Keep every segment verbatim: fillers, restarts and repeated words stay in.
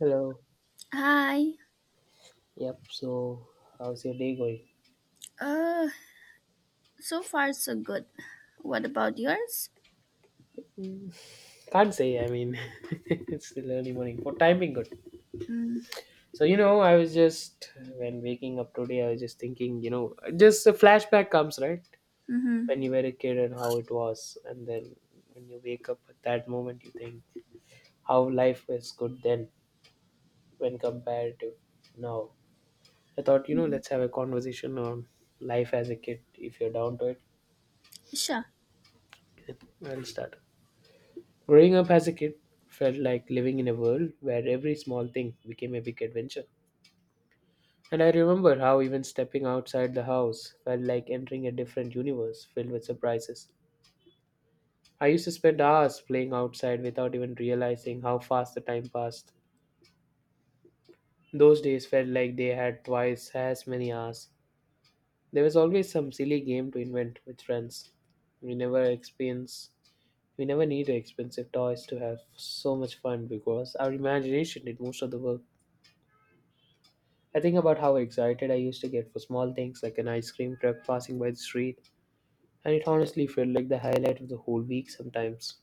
Hello. Hi. Yep. So, how's your day going? Uh, so far so good. What about yours? Mm. Can't say. I mean, it's still early morning. For timing, good. Mm. So you know, I was just when waking up today, I was just thinking. You know, just a flashback comes right Mm-hmm. when you were a kid and how it was, and then when you wake up at that moment, you think how life was good then when compared to now. I thought, you know, let's have a conversation on life as a kid if you're down to Sure. it. I'll start. Growing up as a kid felt like living in a world where every small thing became a big adventure. And I remember how even stepping outside the house felt like entering a different universe filled with surprises. I used to spend hours playing outside without even realizing how fast the time passed. Those days felt like they had twice as many hours. There was always some silly game to invent with friends. We never experience we never needed expensive toys to have so much fun because our imagination did most of the work. I think about how excited I used to get for small things like an ice cream truck passing by the street, and it honestly felt like the highlight of the whole week sometimes.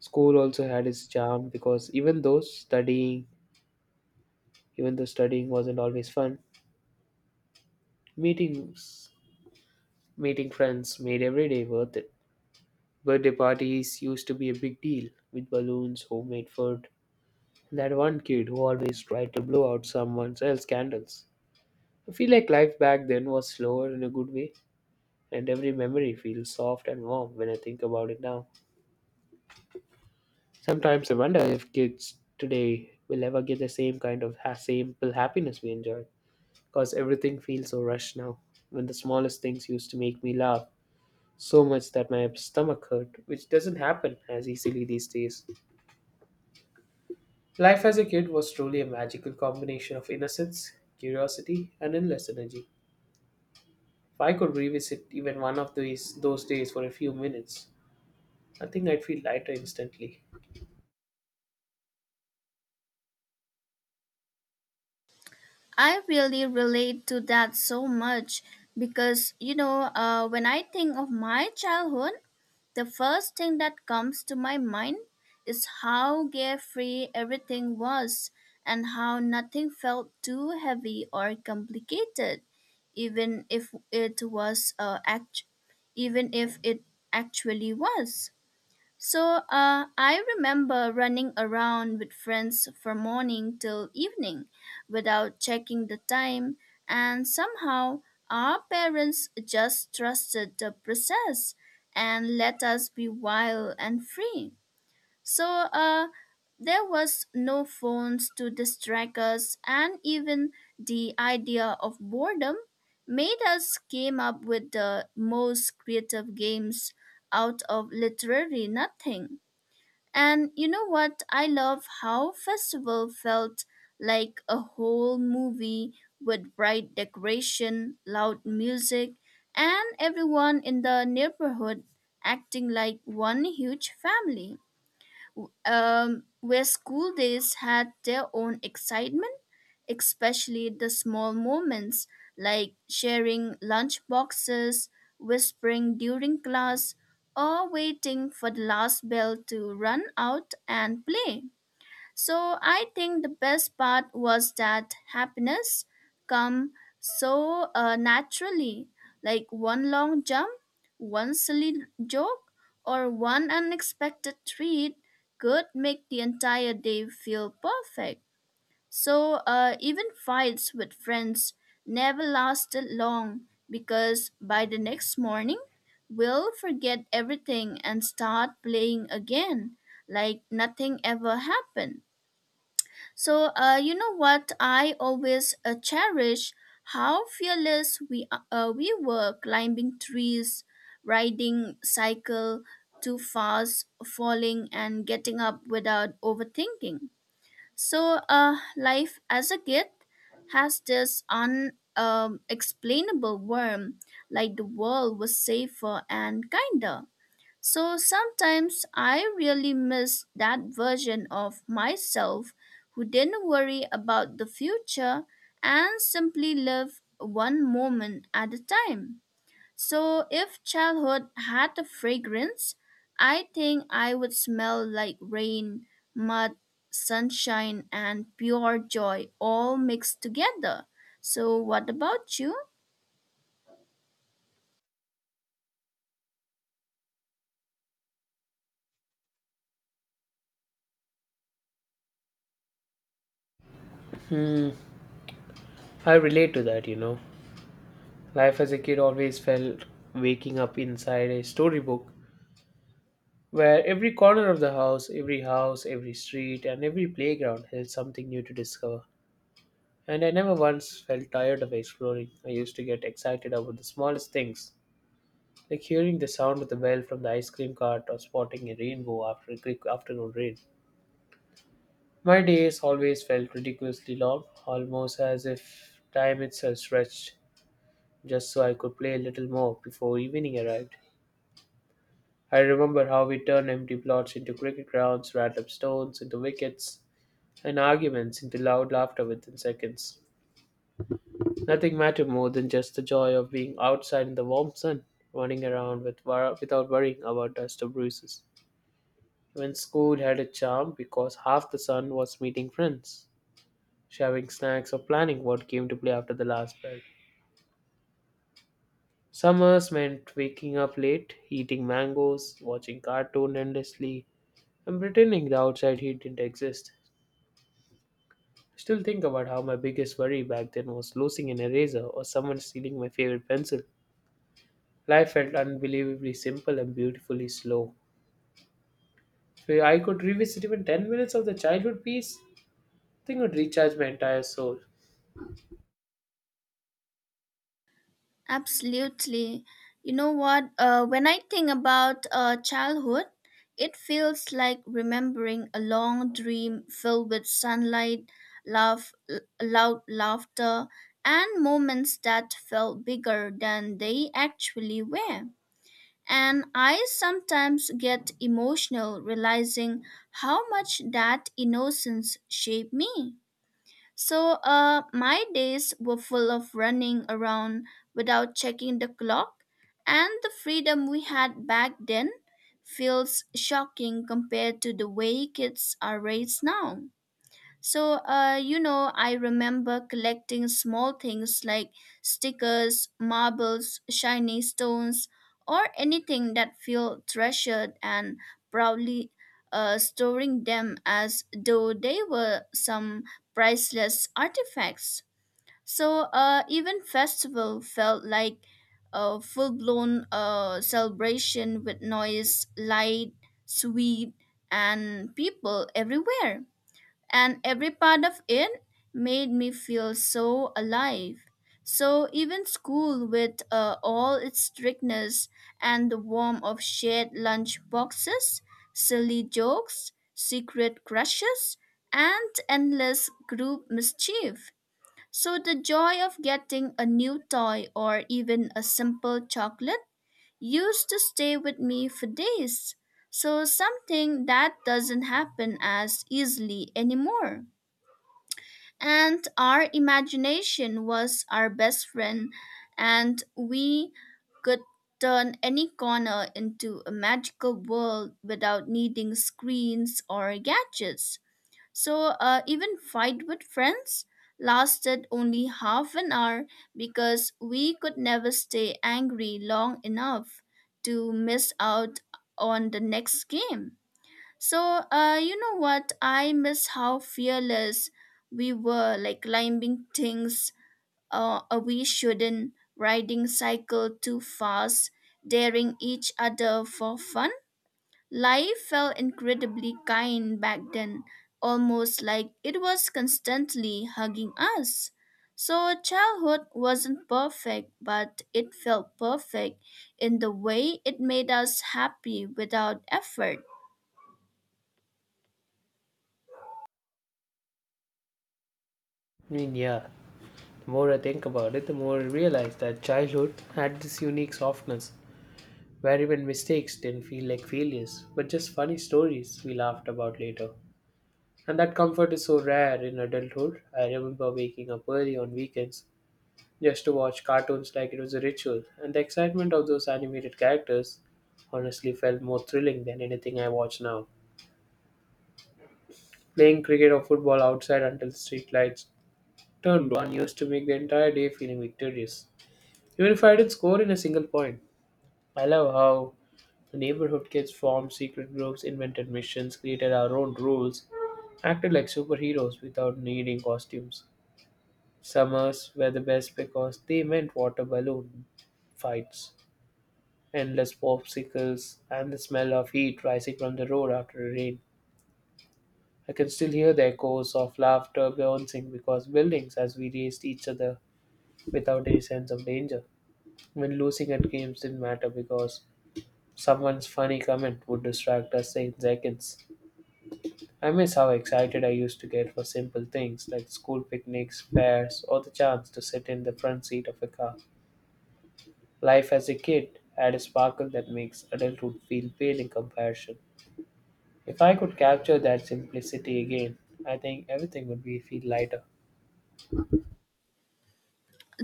School also had its charm because even though studying, even though studying wasn't always fun, meetings, meeting friends made every day worth it. Birthday parties used to be a big deal with balloons, homemade food, and that one kid who always tried to blow out someone else's candles. I feel like life back then was slower in a good way and every memory feels soft and warm when I think about it now. Sometimes I wonder if kids today will ever get the same kind of ha- simple happiness we enjoyed, because everything feels so rushed now. When the smallest things used to make me laugh so much that my stomach hurt, which doesn't happen as easily these days. Life as a kid was truly a magical combination of innocence, curiosity, and endless energy. If I could revisit even one of these those days for a few minutes, I think I'd feel lighter instantly. I really relate to that so much because you know, uh, when I think of my childhood, the first thing that comes to my mind is how carefree everything was and how nothing felt too heavy or complicated, even if it was uh, act- even if it actually was. So uh, I remember running around with friends from morning till evening without checking the time, and somehow our parents just trusted the process and let us be wild and free. So uh, there was no phones to distract us, and even the idea of boredom made us came up with the most creative games out of literally nothing. And you know what? I love how festival felt like a whole movie with bright decoration, loud music, and everyone in the neighborhood acting like one huge family, um, where school days had their own excitement, especially the small moments like sharing lunch boxes, whispering during class, or waiting for the last bell to run out and play. So I think the best part was that happiness come so uh, naturally, like one long jump, one silly joke, or one unexpected treat could make the entire day feel perfect. So uh, even fights with friends never lasted long because by the next morning we'll forget everything and start playing again like nothing ever happened. So, uh, you know what? I always uh, cherish how fearless we a- uh, we were climbing trees, riding cycle too fast, falling and getting up without overthinking. So, uh, life as a kid has this unexplainable um, explainable worm, like the world was safer and kinder. So sometimes I really miss that version of myself who didn't worry about the future and simply lived one moment at a time. So if childhood had a fragrance, I think I would smell like rain, mud, sunshine, and pure joy all mixed together. So what about you? I relate to that, you know. Life as a kid always felt waking up inside a storybook where every corner of the house, every house, every street, and every playground held something new to discover. And I never once felt tired of exploring. I used to get excited about the smallest things, like hearing the sound of the bell from the ice cream cart or spotting a rainbow after a quick afternoon rain. My days always felt ridiculously long, almost as if time itself stretched, just so I could play a little more before evening arrived. I remember how we turned empty plots into cricket grounds, random stones into wickets, and arguments into loud laughter within seconds. Nothing mattered more than just the joy of being outside in the warm sun, running around with wor- without worrying about dust or bruises. Even school had a charm because half the sun was meeting friends, sharing snacks, or planning what game to play after the last bell. Summers meant waking up late, eating mangoes, watching cartoon endlessly, and pretending the outside heat didn't exist. Still think about how my biggest worry back then was losing an eraser or someone stealing my favorite pencil. Life felt unbelievably simple and beautifully slow. If I could revisit even ten minutes of the childhood piece, I think it would recharge my entire soul. Absolutely. You know what? Uh, when I think about uh, childhood, it feels like remembering a long dream filled with sunlight, laugh, l- loud laughter, and moments that felt bigger than they actually were. And I sometimes get emotional realizing how much that innocence shaped me. So uh, my days were full of running around without checking the clock, and the freedom we had back then feels shocking compared to the way kids are raised now. So, uh, you know, I remember collecting small things like stickers, marbles, shiny stones, or anything that feel treasured and proudly uh, storing them as though they were some priceless artifacts. So, uh, even festival felt like a full blown uh, celebration with noise, light, sweet, and people everywhere, and every part of it made me feel so alive. So even school, with uh, all its strictness and the warmth of shared lunch boxes, silly jokes, secret crushes, and endless group mischief. So the joy of getting a new toy or even a simple chocolate used to stay with me for days. So something that doesn't happen as easily anymore. And our imagination was our best friend, and we could turn any corner into a magical world without needing screens or gadgets. So, uh, even fight with friends lasted only half an hour because we could never stay angry long enough to miss out on the next game. So, uh, you know what? I miss how fearless we were, like climbing things uh, uh, we shouldn't, riding cycle too fast, daring each other for fun. Life felt incredibly kind back then, almost like it was constantly hugging us. So, childhood wasn't perfect, but it felt perfect in the way it made us happy without effort. I mean, yeah, the more I think about it, the more I realize that childhood had this unique softness where even mistakes didn't feel like failures, but just funny stories we laughed about later. And that comfort is so rare in adulthood. I remember waking up early on weekends just to watch cartoons like it was a ritual, and the excitement of those animated characters honestly felt more thrilling than anything I watch now. Playing cricket or football outside until the street lights turned on used to make the entire day feeling victorious. Even if I didn't score in a single point, I love how the neighborhood kids formed secret groups, invented missions, created our own rules, acted like superheroes without needing costumes. Summers were the best because they meant water balloon fights, endless popsicles, and the smell of heat rising from the road after a rain. I can still hear the echoes of laughter bouncing because buildings as we raced each other without any sense of danger. When losing at games didn't matter because someone's funny comment would distract us in seconds. I miss how excited I used to get for simple things like school picnics, fairs, or the chance to sit in the front seat of a car. Life as a kid had a sparkle that makes adulthood feel pale in comparison. If I could capture that simplicity again, I think everything would be feel lighter.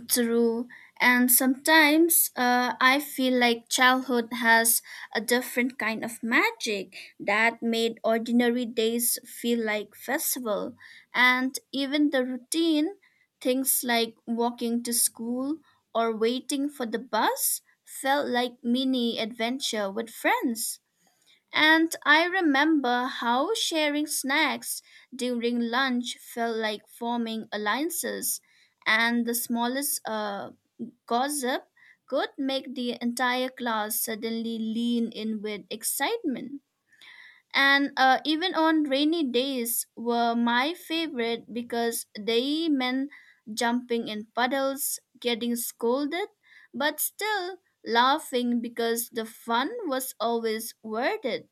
True. And sometimes uh, I feel like childhood has a different kind of magic that made ordinary days feel like festival. And even the routine, things like walking to school or waiting for the bus, felt like mini adventure with friends. And I remember how sharing snacks during lunch felt like forming alliances, and the smallest uh, gossip could make the entire class suddenly lean in with excitement. And uh, even on rainy days were my favorite because they meant jumping in puddles, getting scolded, but still laughing because the fun was always worth it.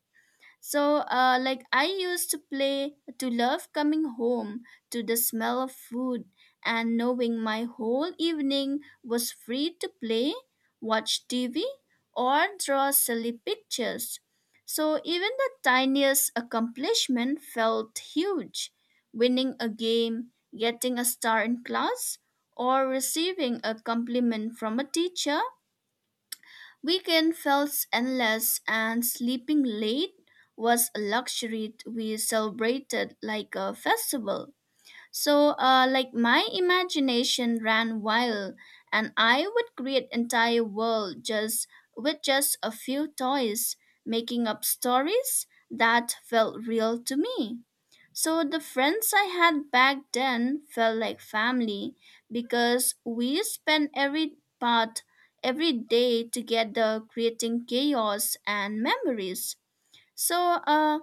So, uh, like I used to play to love coming home to the smell of food and knowing my whole evening was free to play, watch T V, or draw silly pictures. So, even the tiniest accomplishment felt huge. Winning a game, getting a star in class, or receiving a compliment from a teacher. Weekend felt endless and sleeping late was a luxury we celebrated like a festival. So, uh, like my imagination ran wild, and I would create entire world just with just a few toys, making up stories that felt real to me. So the friends I had back then felt like family because we spent every part every day together creating chaos and memories. So, uh,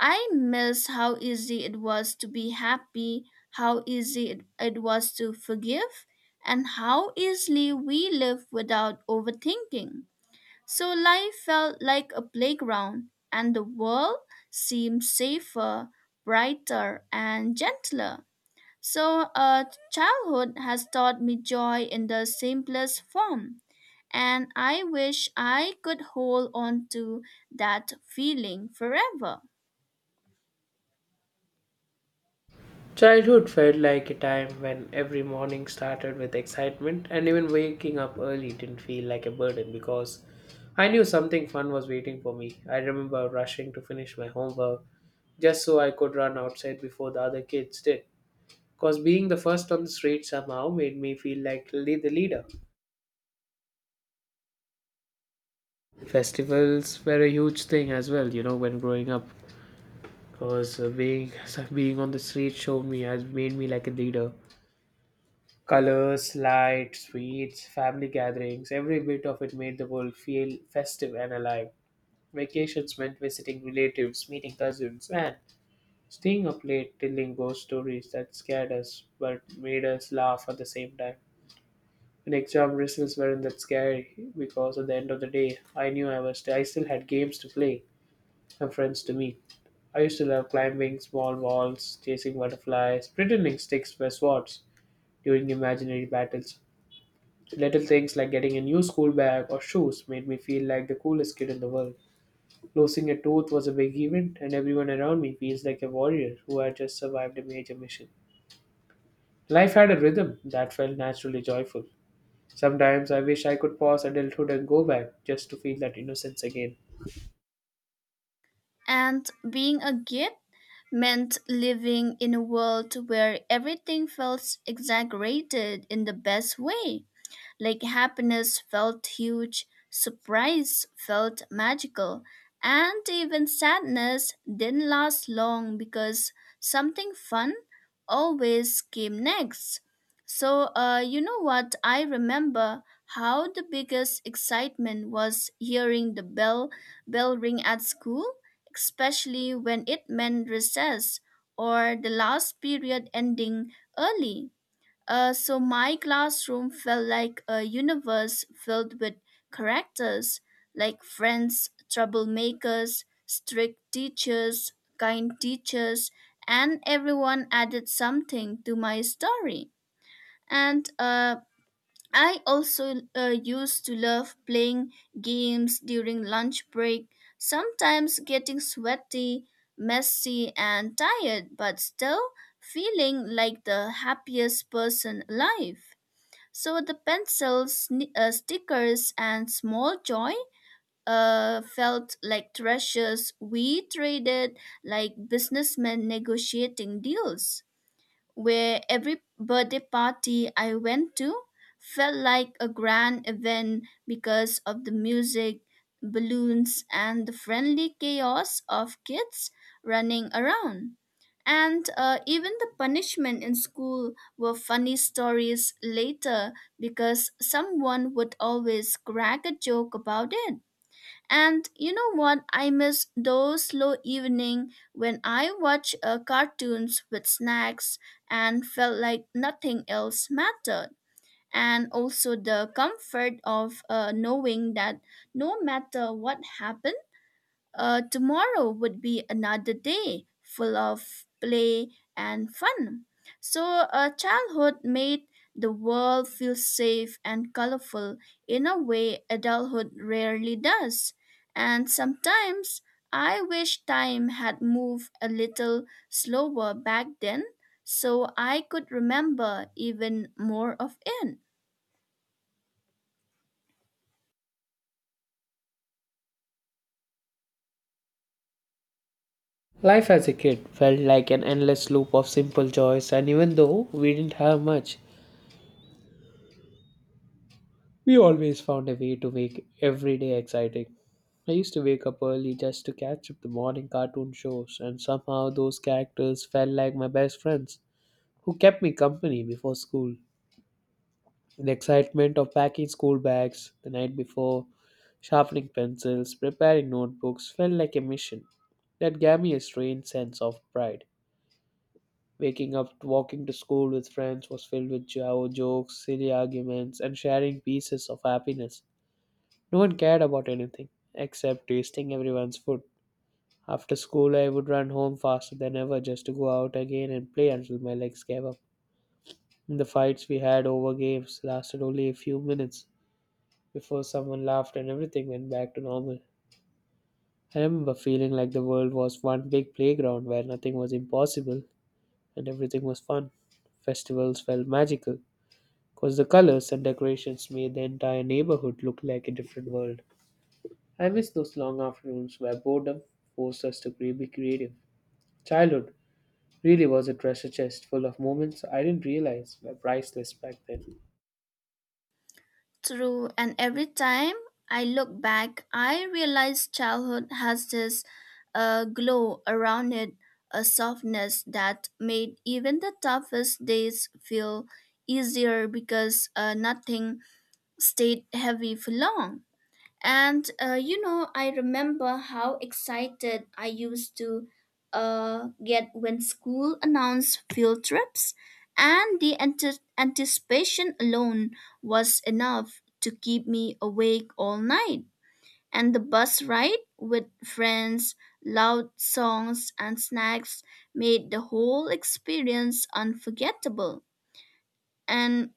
I miss how easy it was to be happy, how easy it, it was to forgive, and how easily we live without overthinking. So life felt like a playground, and the world seemed safer, brighter, and gentler. So, uh, childhood has taught me joy in the simplest form, and I wish I could hold on to that feeling forever. Childhood felt like a time when every morning started with excitement, and even waking up early didn't feel like a burden because I knew something fun was waiting for me. I remember rushing to finish my homework just so I could run outside before the other kids did. Because being the first on the street somehow made me feel like le- the leader. Festivals were a huge thing as well, you know, when growing up. Because being being on the street showed me has made me like a leader. Colors, light, sweets, family gatherings, every bit of it made the world feel festive and alive. Vacations meant visiting relatives, meeting cousins, and staying up late telling ghost stories that scared us but made us laugh at the same time. And exam results weren't that scary because at the end of the day, I knew I was I still had games to play and friends to meet. I used to love climbing small walls, chasing butterflies, pretending sticks were swords during imaginary battles. Little things like getting a new school bag or shoes made me feel like the coolest kid in the world. Losing a tooth was a big event, and everyone around me feels like a warrior who had just survived a major mission. Life had a rhythm that felt naturally joyful. Sometimes I wish I could pause adulthood and go back just to feel that innocence again. And being a git meant living in a world where everything felt exaggerated in the best way. Like happiness felt huge, surprise felt magical, and even sadness didn't last long because something fun always came next. So, uh, you know what? I remember how the biggest excitement was hearing the bell bell ring at school, especially when it meant recess or the last period ending early. Uh, so my classroom felt like a universe filled with characters like friends, troublemakers, strict teachers, kind teachers, and everyone added something to my story. And uh, I also uh, used to love playing games during lunch break, sometimes getting sweaty, messy, and tired, but still feeling like the happiest person alive. So the pencils, sni- uh, stickers, and small joy uh, felt like treasures we traded like businessmen negotiating deals where every birthday party I went to felt like a grand event because of the music, balloons, and the friendly chaos of kids running around. And uh, even the punishment in school were funny stories later because someone would always crack a joke about it. And you know what? I miss those slow evening when I watched uh, cartoons with snacks and felt like nothing else mattered. And also the comfort of uh, knowing that no matter what happened, uh, tomorrow would be another day full of play and fun. So, uh, childhood made the world feel safe and colorful in a way adulthood rarely does. And sometimes I wish time had moved a little slower back then so I could remember even more of it. Life as a kid felt like an endless loop of simple joys, and even though we didn't have much, we always found a way to make every day exciting. I used to wake up early just to catch up the morning cartoon shows, and somehow those characters felt like my best friends who kept me company before school. The excitement of packing school bags the night before, sharpening pencils, preparing notebooks felt like a mission that gave me a strange sense of pride. Waking up, walking to school with friends was filled with jo- jokes, silly arguments, and sharing pieces of happiness. No one cared about anything except tasting everyone's food. After school, I would run home faster than ever just to go out again and play until my legs gave up. The fights we had over games lasted only a few minutes before someone laughed and everything went back to normal. I remember feeling like the world was one big playground where nothing was impossible and everything was fun. Festivals felt magical because the colors and decorations made the entire neighborhood look like a different world. I miss those long afternoons where boredom forced us to cre- be creative. Childhood really was a treasure chest full of moments I didn't realize were priceless back then. True, and every time I look back, I realize childhood has this uh, glow around it, a softness that made even the toughest days feel easier because uh, nothing stayed heavy for long. And uh, you know, I remember how excited I used to uh, get when school announced field trips, and the ante- anticipation alone was enough to keep me awake all night. And the bus ride with friends, loud songs, and snacks made the whole experience unforgettable. And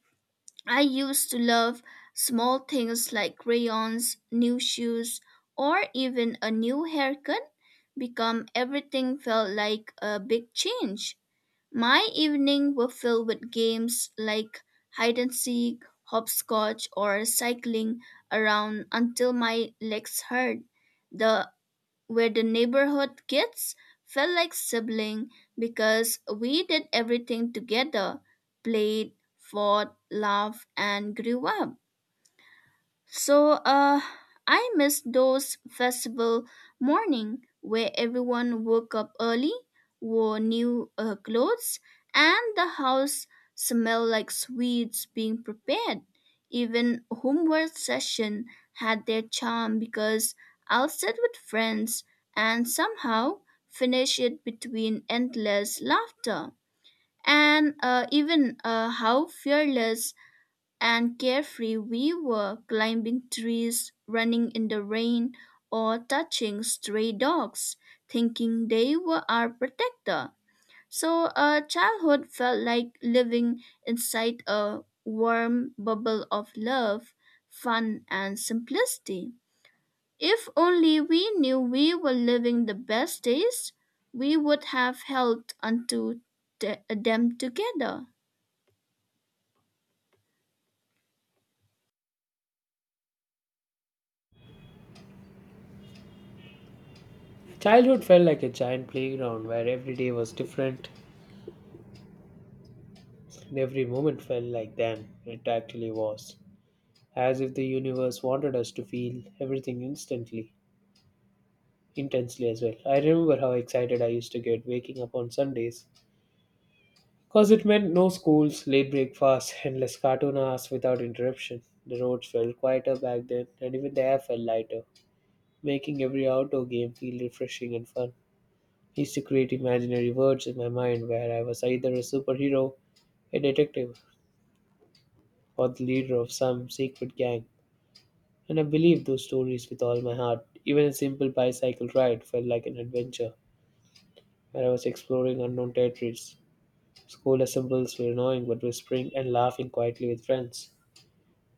I used to love small things like crayons, new shoes, or even a new haircut become everything felt like a big change. My evening were filled with games like hide and seek, hopscotch, or cycling around until my legs hurt. The where the neighborhood kids felt like sibling because we did everything together, played, fought, laughed, and grew up. So uh I miss those festival morning where everyone woke up early, wore new uh, clothes, and the house smelled like sweets being prepared. Even homework session had their charm because I'll sit with friends and somehow finish it between endless laughter. And uh, even uh, how fearless and carefree we were, climbing trees, running in the rain, or touching stray dogs, thinking they were our protector. So uh, childhood felt like living inside a warm bubble of love, fun, and simplicity. If only we knew we were living the best days, we would have held unto th- them together. Childhood felt like a giant playground where every day was different and every moment felt like then it actually was. As if the universe wanted us to feel everything instantly, intensely as well. I remember how excited I used to get waking up on Sundays because it meant no schools, late breakfasts, endless cartoon hours without interruption. The roads felt quieter back then, and even the air felt lighter, making every outdoor game feel refreshing and fun. I used to create imaginary worlds in my mind where I was either a superhero, a detective, or the leader of some secret gang. And I believed those stories with all my heart. Even a simple bicycle ride felt like an adventure, where I was exploring unknown territories. School assemblies were annoying, but whispering and laughing quietly with friends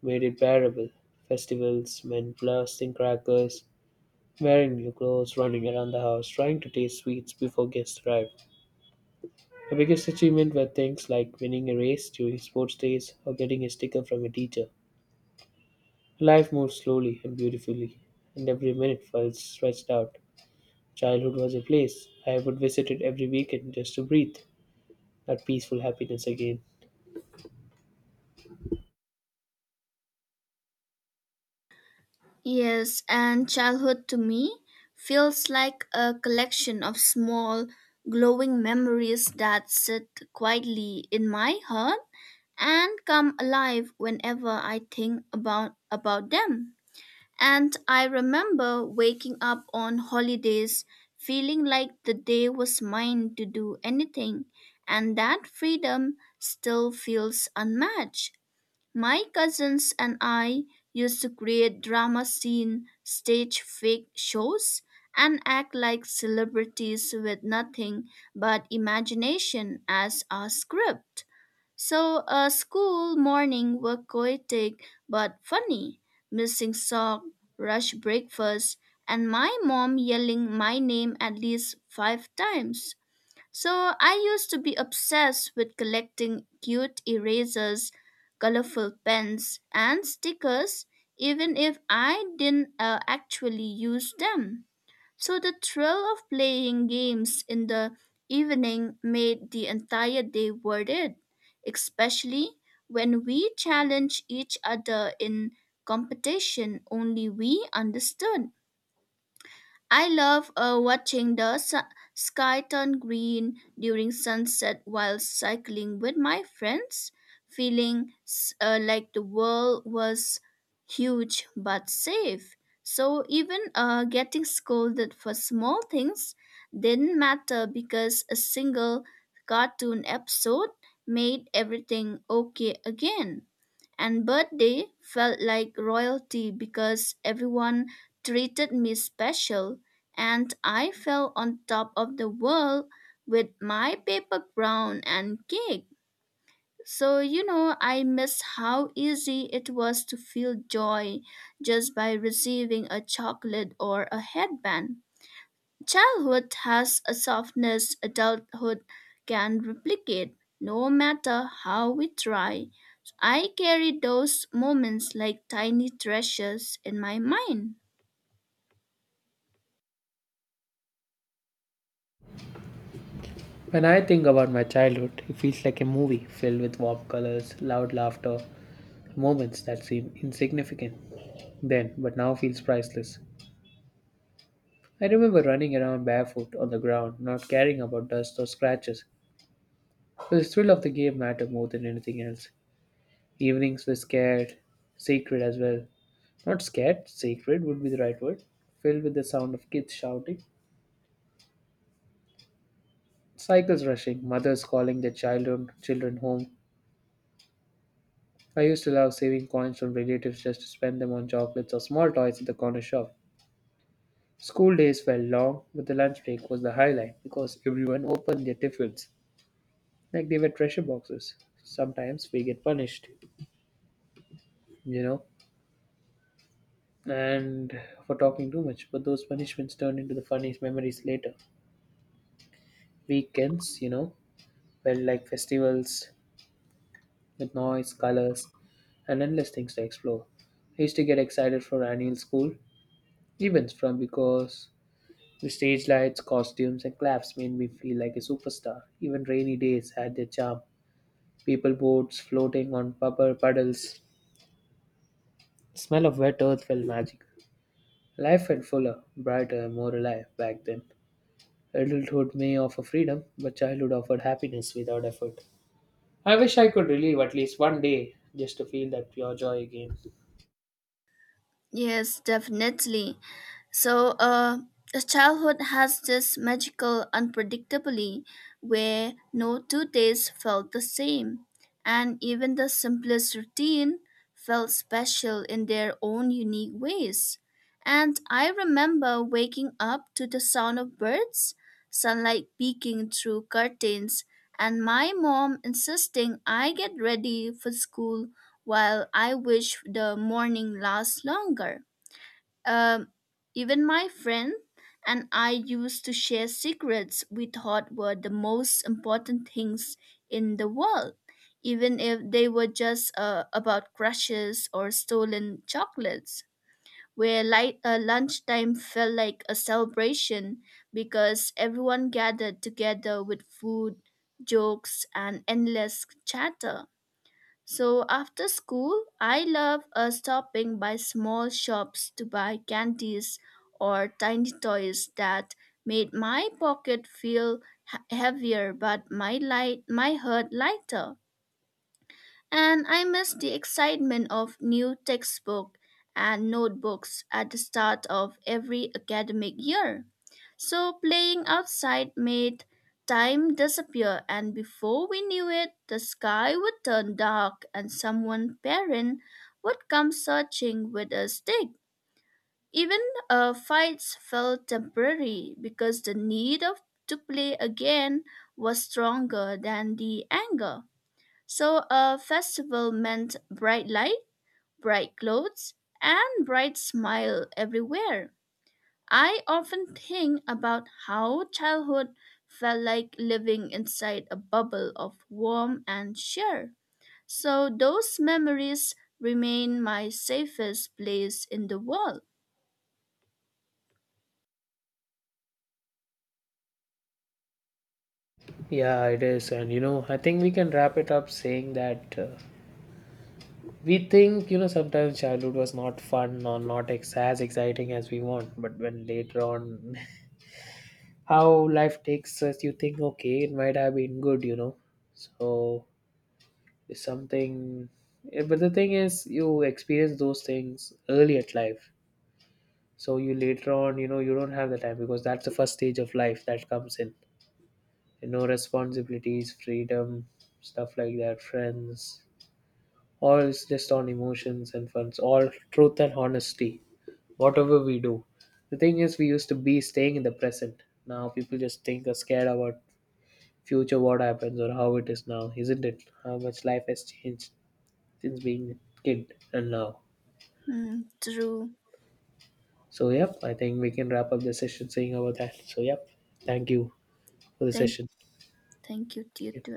made it bearable. Festivals meant blasting crackers, wearing new clothes, running around the house, trying to taste sweets before guests arrived. My biggest achievement were things like winning a race during sports days or getting a sticker from a teacher. Life moved slowly and beautifully, and every minute felt stretched out. Childhood was a place I would visit it every weekend just to breathe that peaceful happiness again. Yes, and childhood to me feels like a collection of small, glowing memories that sit quietly in my heart and come alive whenever I think about, about them. And I remember waking up on holidays feeling like the day was mine to do anything, and that freedom still feels unmatched. My cousins and I used to create drama scene stage fake shows and act like celebrities with nothing but imagination as our script. So a school morning were chaotic but funny, missing sock, rush breakfast, and my mom yelling my name at least five times. So I used to be obsessed with collecting cute erasers, colorful pens, and stickers, even if I didn't uh, actually use them. So the thrill of playing games in the evening made the entire day worth it, especially when we challenged each other in competition only we understood. I love uh, watching the su- sky turn green during sunset while cycling with my friends, feeling s- uh, like the world was huge but safe. So even uh, getting scolded for small things didn't matter because a single cartoon episode made everything okay again, and birthday felt like royalty because everyone treated me special and I felt on top of the world with my paper crown and cake. So, you know, I miss how easy it was to feel joy just by receiving a chocolate or a headband. Childhood has a softness adulthood can replicate, no matter how we try. So, I carry those moments like tiny treasures in my mind. When I think about my childhood, it feels like a movie filled with warm colors, loud laughter, moments that seem insignificant then, but now feels priceless. I remember running around barefoot on the ground, not caring about dust or scratches. The thrill of the game mattered more than anything else. Evenings were scared, sacred as well. Not scared, sacred would be the right word. Filled with the sound of kids shouting, cycles rushing, mothers calling their children children home. I used to love saving coins from relatives just to spend them on chocolates or small toys at the corner shop. School days felt long, but the lunch break was the highlight because everyone opened their tiffins like they were treasure boxes. Sometimes we get punished, you know, and for talking too much, but those punishments turned into the funniest memories later. Weekends, you know, felt like festivals with noise, colors, and endless things to explore. I used to get excited for annual school events from because the stage lights, costumes, and claps made me feel like a superstar. Even rainy days had their charm. People boats floating on paper puddles. Smell of wet earth felt magical. Life felt fuller, brighter, and more alive back then. Adulthood may offer freedom, but childhood offered happiness without effort. I wish I could relive at least one day just to feel that pure joy again. Yes, definitely. So, uh, the childhood has this magical unpredictably where no two days felt the same, and even the simplest routine felt special in their own unique ways. And I remember waking up to the sound of birds, sunlight peeking through curtains, and my mom insisting I get ready for school while I wish the morning lasts longer. Um, even my friend and I used to share secrets we thought were the most important things in the world, even if they were just uh, about crushes or stolen chocolates. Where light, uh, lunchtime felt like a celebration because everyone gathered together with food, jokes, and endless chatter. So after school, I love uh, stopping by small shops to buy candies or tiny toys that made my pocket feel he- heavier but my light my heart lighter. And I miss the excitement of new textbook and notebooks at the start of every academic year. So playing outside made time disappear and before we knew it, the sky would turn dark and someone parent would come searching with a stick. Even uh, fights felt temporary because the need of to play again was stronger than the anger. So a festival meant bright light, bright clothes, and bright smile everywhere. I often think about how childhood felt like living inside a bubble of warm and cheer. So those memories remain my safest place in the world. Yeah, it is. And you know, I think we can wrap it up saying that uh, we think, you know, sometimes childhood was not fun or not ex- as exciting as we want, but when later on how life takes us you think okay it might have been good you know so it's something eh, but the thing is you experience those things early at life so you later on you know you don't have the time because that's the first stage of life that comes in you know responsibilities freedom stuff like that friends all is just on emotions and funds all truth and honesty whatever we do the thing is we used to be staying in the present now people just think are scared about future what happens or how it is now, isn't it? How much life has changed since being a kid and now. Hmm, true. So yep, I think we can wrap up the session saying about that. So yep, thank you for the Thank, session. thank you, Yep. Tito.